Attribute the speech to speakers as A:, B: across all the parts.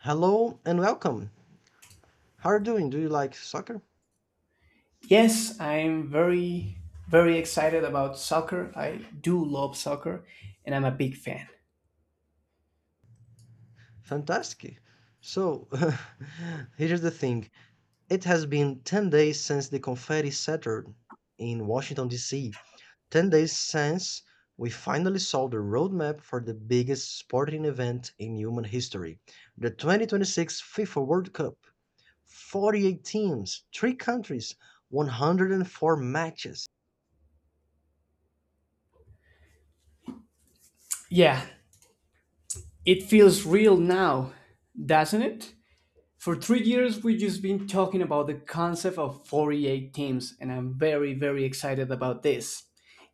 A: Hello and welcome. How are you doing? Do you like soccer?
B: Yes, I'm very, very excited about soccer. I do love soccer and I'm a big fan.
A: Fantastic. So, here's the thing. It has been 10 days since the confetti shattered in Washington, D.C. 10 days since we finally saw the roadmap for the biggest sporting event in human history, the 2026 FIFA World Cup. 48 teams, 3 countries, 104 matches.
B: Yeah, it feels real now, doesn't it? For 3 years, we've just been talking about the concept of 48 teams, and I'm very, very excited about this.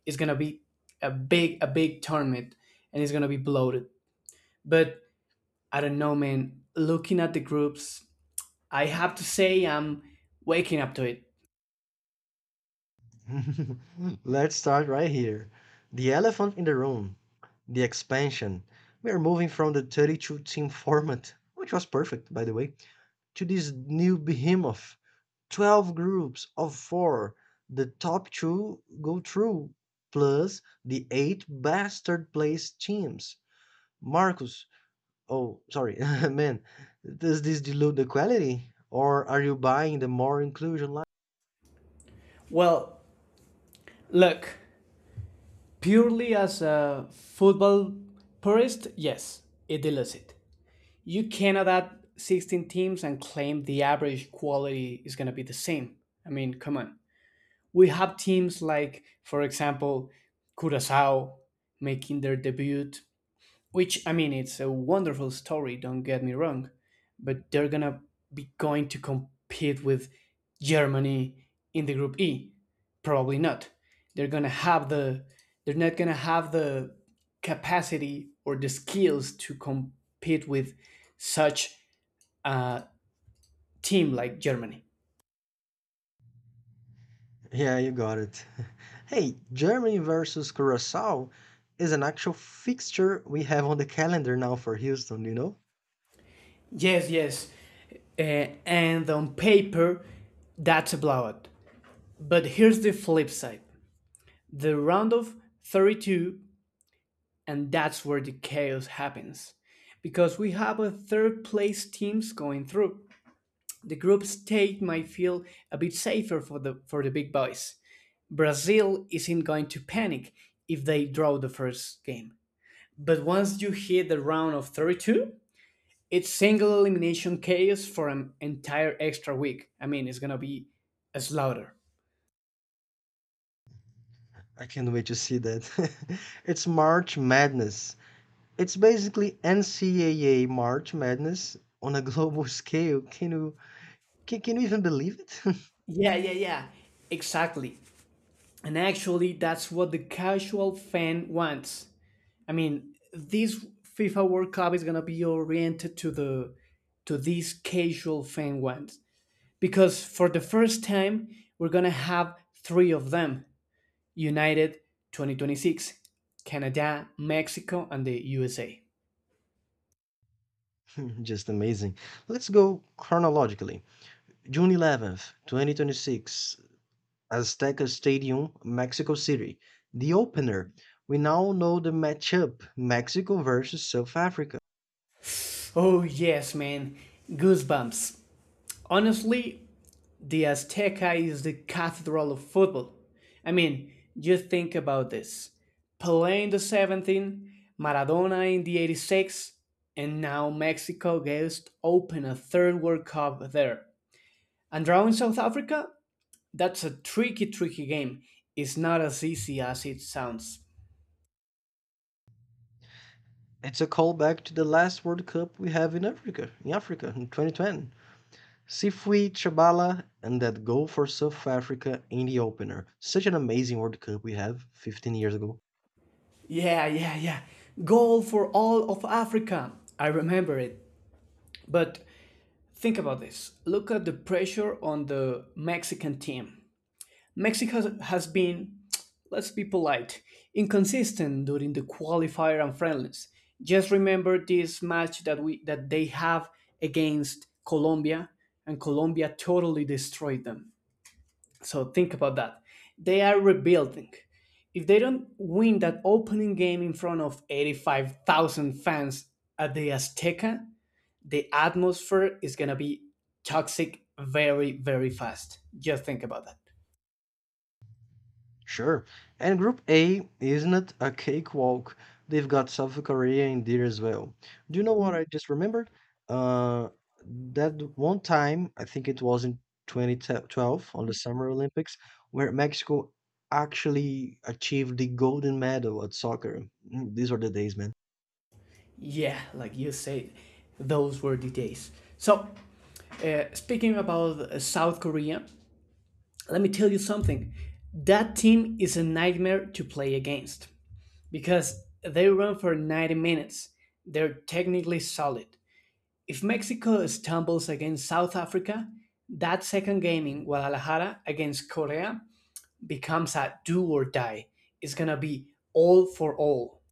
B: It's gonna be a big tournament, and it's gonna be bloated. But I don't know, man. Looking at the groups, I have to say I'm waking up to it.
A: Let's start right here. The elephant in the room, the expansion. We are moving from the 32 team format, which was perfect, by the way, to this new behemoth 12 groups of four. The top two go through, plus the eight best third place teams. Marcus, oh, sorry, man, does this dilute the quality? Or are you buying the more inclusion?
B: Well, look. Purely as a football purist, yes, it deletes it. You cannot add 16 teams and claim the average quality is going to be the same. I mean, come on. We have teams like, for example, Curacao making their debut which, I mean, it's a wonderful story, don't get me wrong, but they're gonna be going to compete with Germany in the group E. Probably not. They're gonna have the they're not gonna have the capacity or the skills to compete with such a team like Germany.
A: Yeah, you got it. Hey, Germany versus Curacao is an actual fixture we have on the calendar now for Houston, you know?
B: Yes, yes. Uh, and on paper, that's a blowout. But here's the flip side, the round of 32, and that's where the chaos happens, because we have a third place teams going through. The group stage might feel a bit safer for the big boys. Brazil isn't going to panic if they draw the first game, but once you hit the round of 32, it's single elimination chaos for an entire extra week. I mean, it's gonna be a slaughter.
A: I can't wait to see that. It's March Madness. It's basically NCAA March Madness on a global scale. Can you can you even believe it?
B: Yeah, yeah, yeah. Exactly. And actually, that's what the casual fan wants. I mean, this FIFA World Cup is gonna be oriented to these casual fan ones because for the first time we're gonna have three of them: United 2026, Canada, Mexico, and the USA.
A: Just amazing. Let's go chronologically. June 11th, 2026, Azteca Stadium, Mexico City. The opener, we now know the matchup: Mexico versus South Africa.
B: Oh yes, man, goosebumps. Honestly, the Azteca is the cathedral of football. I mean, just think about this. Pelé in the 17, Maradona in the 86, and now Mexico gets to open a third World Cup there. And drawing South Africa? That's a tricky, tricky game. It's not as easy as it sounds.
A: It's a callback to the last World Cup we have in Africa, in 2010. Sifui Chabala and that goal for South Africa in the opener. Such an amazing World Cup we have 15 years ago.
B: Yeah, yeah, yeah. Goal for all of Africa. I remember it. But think about this. Look at the pressure on the Mexican team. Mexico has been, let's be polite, inconsistent during the qualifier and friendlies. Just remember this match that we that they have against Colombia, and Colombia totally destroyed them. So think about that. They are rebuilding. If they don't win that opening game in front of 85,000 fans at the Azteca, the atmosphere is going to be toxic very, very fast. Just think about that.
A: Sure. And Group A isn't a cakewalk. They've got South Korea in there as well. Do you know what I just remembered? Uh, that one time, I think it was in 2012 on the Summer Olympics, where Mexico actually achieved the golden medal at soccer. Mm, these were the days, man.
B: Yeah, like you said, those were the days. So, speaking about South Korea, let me tell you something. That team is a nightmare to play against because they run for 90 minutes. They're technically solid. If Mexico stumbles against South Africa, that second game in Guadalajara against Korea becomes a do or die. It's going to be all for all.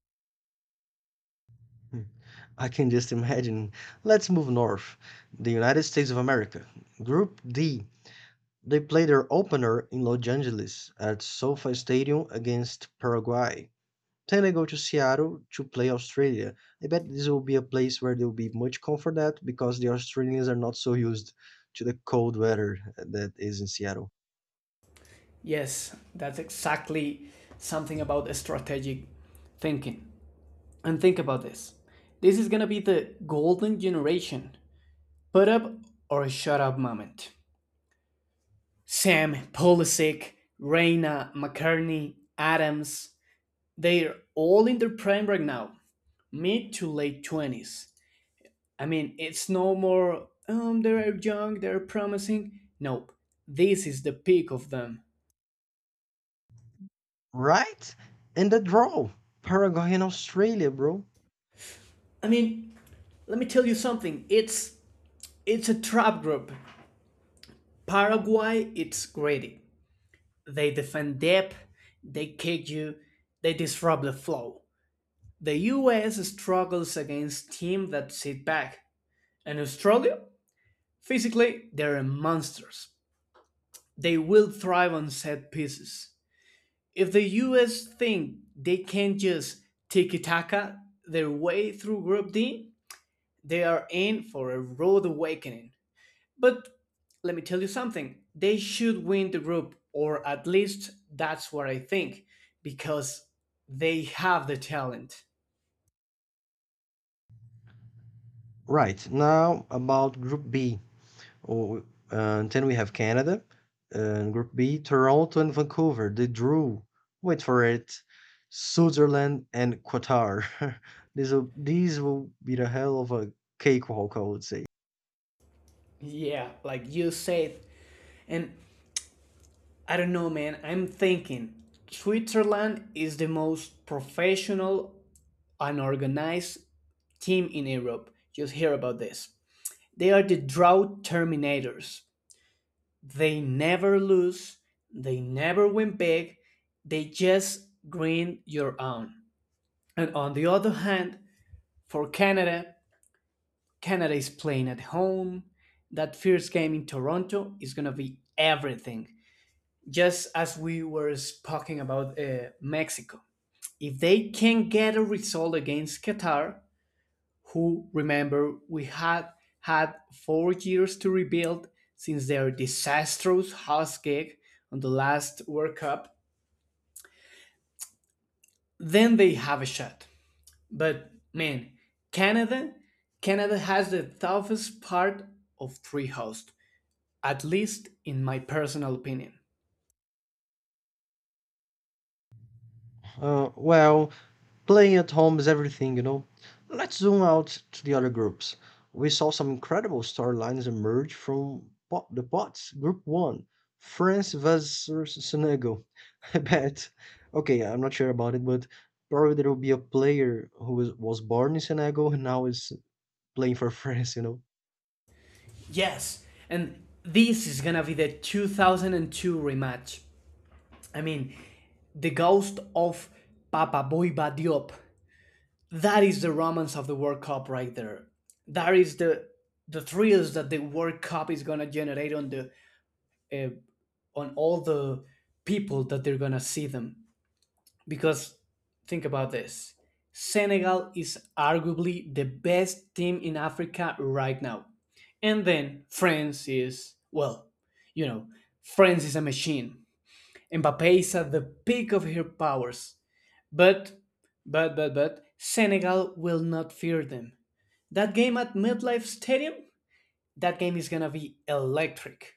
A: Mm. I can just imagine. Let's move north. The United States of America. Group D. They played their opener in Los Angeles at SoFi Stadium against Paraguay. Then they go to Seattle to play Australia. I bet this will be a place where they'll be much comfort at because the Australians are not so used to the cold weather that is in Seattle.
B: Yes, that's exactly something about strategic thinking. And think about this. This is gonna be the golden generation put up or shut up moment. Sam Polisic, Reina McCartney, Adams, they're all in their prime right now, mid to late 20s. I mean, it's no more, they're young, they're promising. Nope, this is the peak of them.
A: Right? And the draw, Paraguay and Australia, bro.
B: I mean, let me tell you something, it's a trap group. Paraguay, it's greedy. They defend deep, they kick you, they disrupt the flow. The US struggles against teams that sit back. And Australia? Physically, they're monsters. They will thrive on set pieces. If the US think they can just tiki taka their way through Group D, they are in for a rude awakening. But let me tell you something, they should win the group, or at least that's what I think, because they have the talent.
A: Right, now about Group B. Oh, uh, and then we have Canada. And Group B, Toronto and Vancouver. They drew. Wait for it. Switzerland and Qatar. These will be the hell of a cakewalk, I would say.
B: Yeah, like you said. And I don't know, man, I'm thinking Switzerland is the most professional and organized team in Europe. Just hear about this. They are the drought terminators. They never lose, they never win big, they just grind your own. And on the other hand, for Canada, Canada is playing at home. That first game in Toronto is going to be everything. Just as we were talking about Mexico. If they can get a result against Qatar, who remember we had had 4 years to rebuild since their disastrous house gig on the last World Cup, then they have a shot. But man, Canada, Canada has the toughest part of three hosts, at least in my personal opinion.
A: Well, playing at home is everything, you know. Let's zoom out to the other groups. We saw some incredible storylines emerge from the pots. Group one, France versus Senegal. I bet. Okay, I'm not sure about it, but probably there will be a player who was born in Senegal and now is playing for France, you know.
B: Yes, and this is gonna be the 2002 rematch. I mean, the ghost of Papa Boyba Diop. That is the romance of the World Cup right there. That is the thrills that the World Cup is gonna generate uh, on all the people that they're gonna see them. Because think about this. Senegal is arguably the best team in Africa right now. And then France is, well, you know, France is a machine. Mbappe is at the peak of her powers. But, but, Senegal will not fear them. That game at MetLife Stadium? That game is gonna be electric.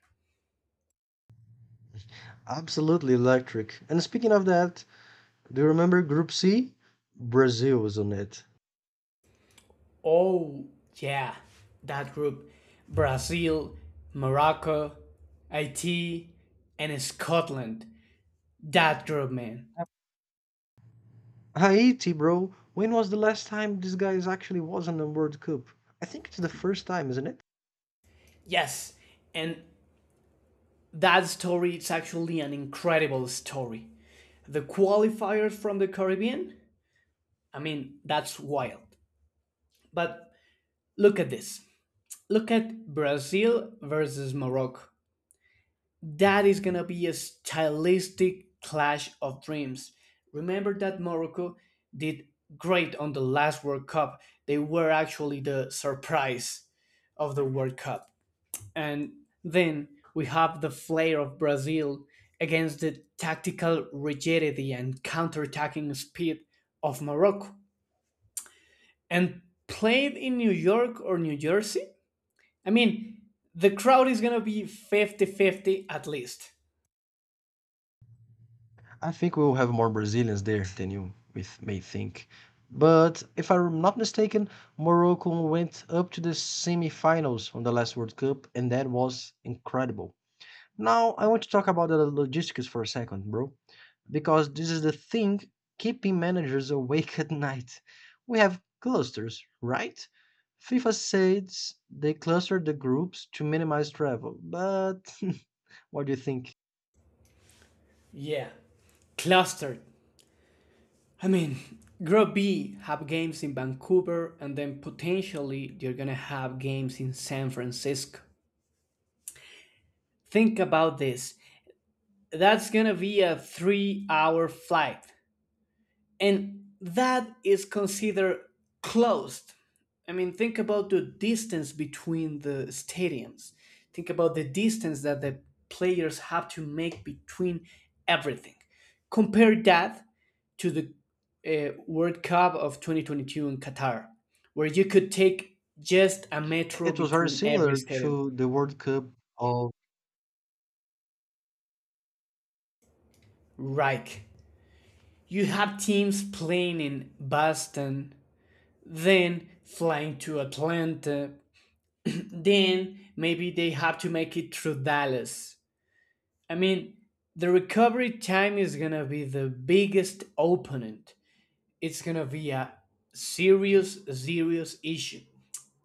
A: Absolutely electric. And speaking of that, do you remember Group C? Brazil was on it.
B: Oh, yeah, that group, Brazil, Morocco, Haiti, and Scotland. That group, man.
A: Haiti, bro. When was the last time these guys actually was in the World Cup? I think it's the first time, isn't it?
B: Yes, and that story is actually an incredible story. The qualifiers from the Caribbean? I mean, that's wild. But look at this. Look at Brazil versus Morocco. That is gonna be a stylistic clash of dreams. Remember that Morocco did great on the last World Cup. They were actually the surprise of the World Cup. And then we have the flair of Brazil against the tactical rigidity and counterattacking speed of Morocco. And played in New York or New Jersey? I mean, the crowd is gonna be fifty-fifty at least.
A: I think we'll have more Brazilians there than you with may think. But if I'm not mistaken, Morocco went up to the semifinals on the last World Cup, and that was incredible. Now I want to talk about the logistics for a second, bro, because this is the thing keeping managers awake at night. We have clusters, right? FIFA says they clustered the groups to minimize travel, but what do you think?
B: Yeah. Clustered. I mean, Group B have games in Vancouver and then potentially you're going to have games in San Francisco. Think about this. That's going to be a 3-hour flight, and that is considered closed. I mean, think about the distance between the stadiums. Think about the distance that the players have to make between everything. Compare that to the World Cup of 2022 in Qatar, where you could take just a metro
A: It was very
B: between every
A: similar
B: stadium.
A: to the World Cup of
B: Right. You have teams playing in Boston, then flying to Atlanta. Then maybe they have to make it through Dallas. I mean, the recovery time is gonna be the biggest opponent. It's gonna be a serious, serious issue.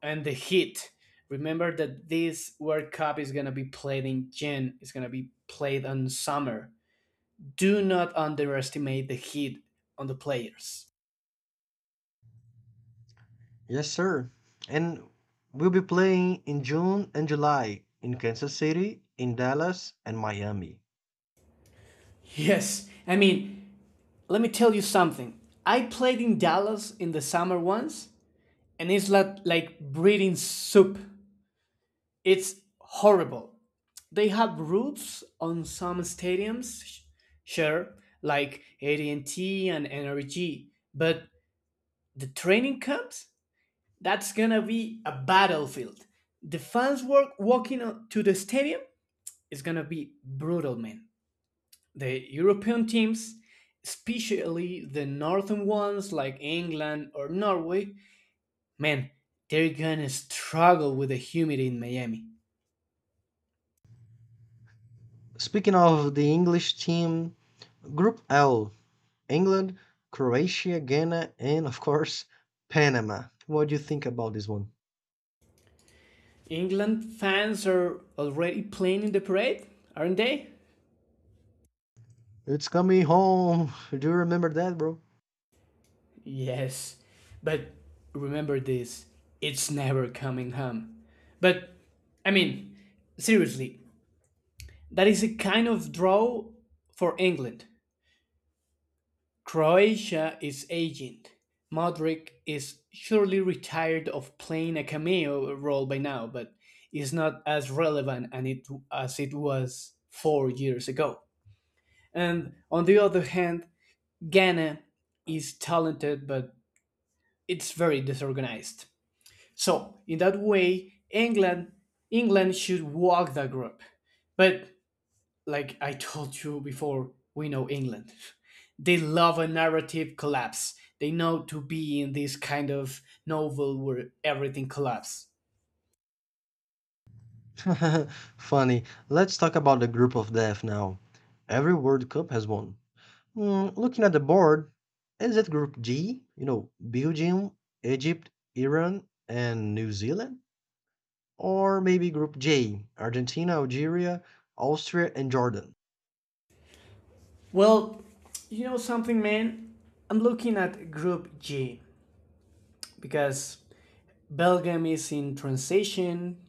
B: And the heat. Remember that this World Cup is gonna be played in June. It's gonna be played on summer. Do not underestimate the heat on the players.
A: yes, sir, and we'll be playing in June and July in Kansas City, in Dallas, and Miami.
B: Yes, I mean, let me tell you something. I played in Dallas in the summer once, and it's like, breeding soup. It's horrible. They have roofs on some stadiums, sure, like AT&T and NRG, but the training camps, that's gonna be a battlefield. The fans work walking to the stadium is gonna be brutal, man. The European teams, especially the northern ones like England or Norway, man, they're gonna struggle with the humidity in Miami.
A: Speaking of the English team, Group L, England, Croatia, Ghana, and of course, Panama. What do you think about this one?
B: England fans are already playing in the parade, aren't they?
A: It's coming home. Do you remember that, bro?
B: Yes, but remember this, it's never coming home. But, I mean, seriously, that is a kind of draw for England. Croatia is aging. Modric is surely retired of playing a cameo role by now, but is not as relevant and it, as it was 4 years ago. And on the other hand, Ghana is talented, but it's very disorganized. So in that way, England should walk the group, but like I told you before, we know England. They love a narrative collapse. They know to be in this kind of novel where everything collapses.
A: Funny. Let's talk about the group of death now. Every World Cup has one. Hmm, looking at the board, is it Group G? You know, Belgium, Egypt, Iran, and New Zealand? Or maybe Group J, Argentina, Algeria, Austria, and Jordan?
B: Well, you know something, man? I'm looking at Group G because Belgium is in transition,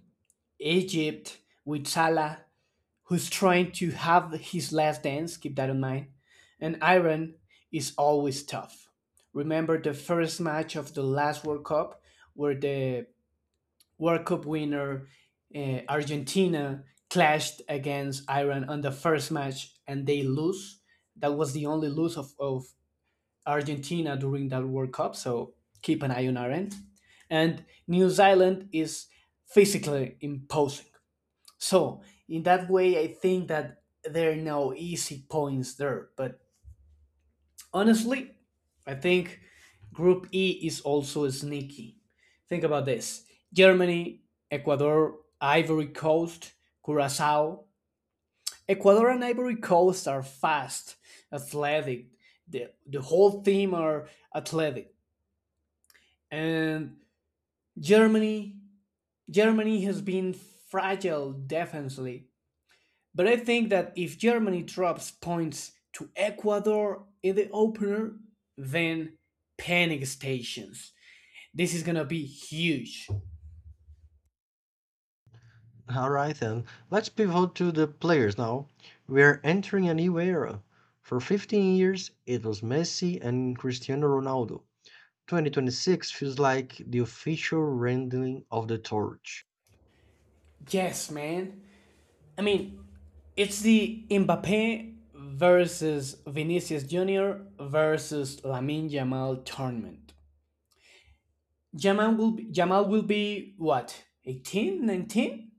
B: Egypt with Salah, who's trying to have his last dance, keep that in mind. And Iran is always tough. Remember the first match of the last World Cup where the World Cup winner Argentina clashed against Iran on the first match and they lose. That was the only lose of Argentina during that World Cup, so keep an eye on Iran. And New Zealand is physically imposing. So, in that way, I think that there are no easy points there. But honestly, I think Group E is also sneaky. Think about this. Germany, Ecuador, Ivory Coast, Curacao. Ecuador and Ivory Coast are fast, athletic. The whole team are athletic. And Germany, Germany has been fragile defensively. But I think that if Germany drops points to Ecuador in the opener, then panic stations. This is gonna be huge.
A: All right, then. Let's pivot to the players now. We're entering a new era. For 15 years, it was Messi and Cristiano Ronaldo. 2026 feels like the official rendering of the torch.
B: Yes, man. I mean, it's the Mbappe versus Vinicius Jr. versus Lamin Jamal tournament. Jamal will be what? 18, 19.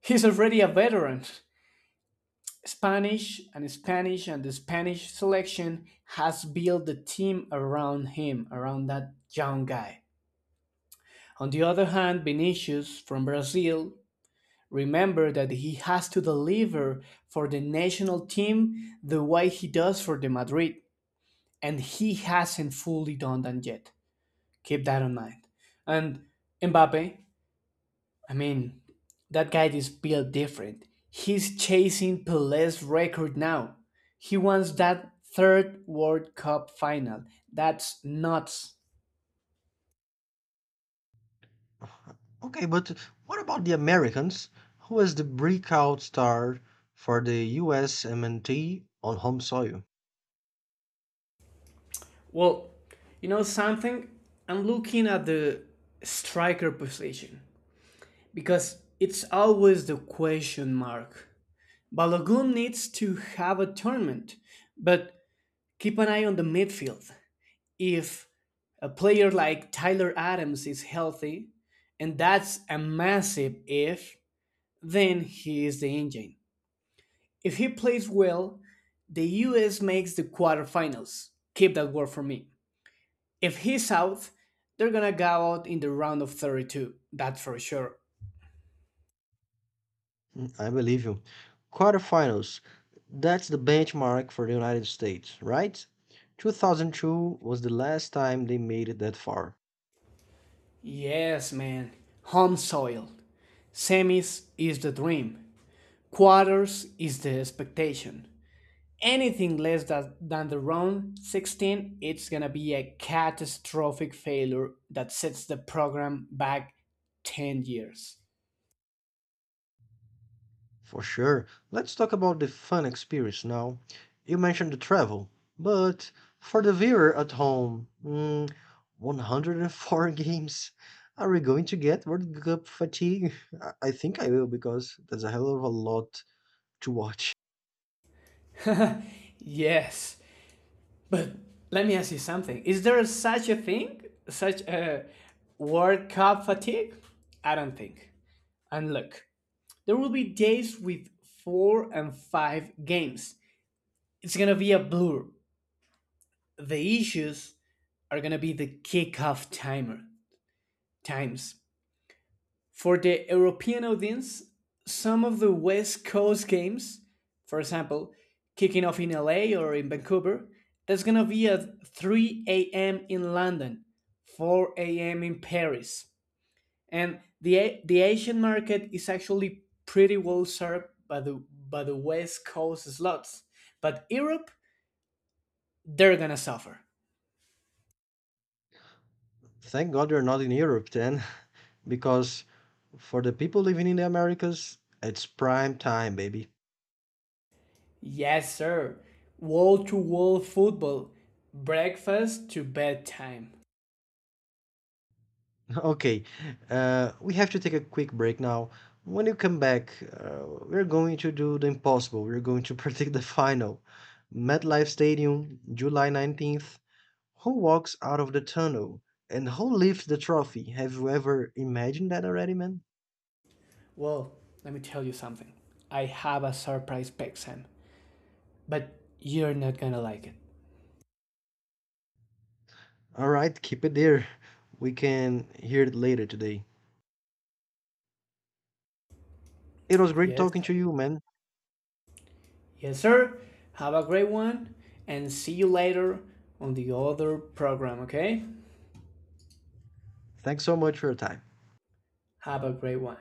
B: He's already a veteran. Spanish and Spanish and the Spanish selection has built the team around him, around that young guy. On the other hand, Vinicius from Brazil, remember that he has to deliver for the national team the way he does for the Madrid, and he hasn't fully done that yet. Keep that in mind. And Mbappe, I mean, that guy is built different. He's chasing Pele's record now. He wants that third World Cup final. That's nuts.
A: Okay, but what about the Americans? Who was the breakout star for the US MNT on home soil?
B: Well, you know something? I'm looking at the striker position because it's always the question mark. Balogun needs to have a tournament, but keep an eye on the midfield. If a player like Tyler Adams is healthy, and that's a massive if, then he is the engine. If he plays well, the US makes the quarterfinals. Keep that word for me. If he's out, they're gonna go out in the round of 32, that's for sure.
A: Mm, I believe you. Quarterfinals. That's the benchmark for the United States, right? 2002 was the last time they made it that far.
B: Yes, man. Home soil. Semis is the dream. Quarters is the expectation. Anything less than the round 16, it's going to be a catastrophic failure that sets the program back 10 years.
A: For sure. Let's talk about the fun experience now. You mentioned the travel, but for the viewer at home, mm, 104 games. Are we going to get World Cup fatigue? I think I will because there's a hell of a lot to watch.
B: Yes, but let me ask you something. Is there such a thing? Such a World Cup fatigue? I don't think. And look, there will be days with four and five games. It's going to be a blur. The issues are going to be the kickoff timer times. For the European audience, some of the West Coast games, for example, kicking off in LA or in Vancouver, that's gonna be at 3 a.m. in London, 4 a.m. in Paris. And the Asian market is actually pretty well served by the West Coast slots, but Europe they're gonna suffer.
A: Thank God we're not in Europe then, because for the people living in the Americas, it's prime time, baby.
B: Yes, sir. Wall to wall football, breakfast to bedtime.
A: Okay, we have to take a quick break now. When you come back, we're going to do the impossible. We're going to predict the final. MetLife Stadium, July 19th. Who walks out of the tunnel? And who lifts the trophy? Have you ever imagined that already, man?
B: Well, let me tell you something. I have a surprise Pexan, but you're not gonna like it.
A: All right, keep it there. We can hear it later today. It was great
B: Yes,
A: talking to you, man.
B: yes, sir. Have a great one, and see you later on the other program, okay?
A: Thanks so much for your time.
B: Have a great one.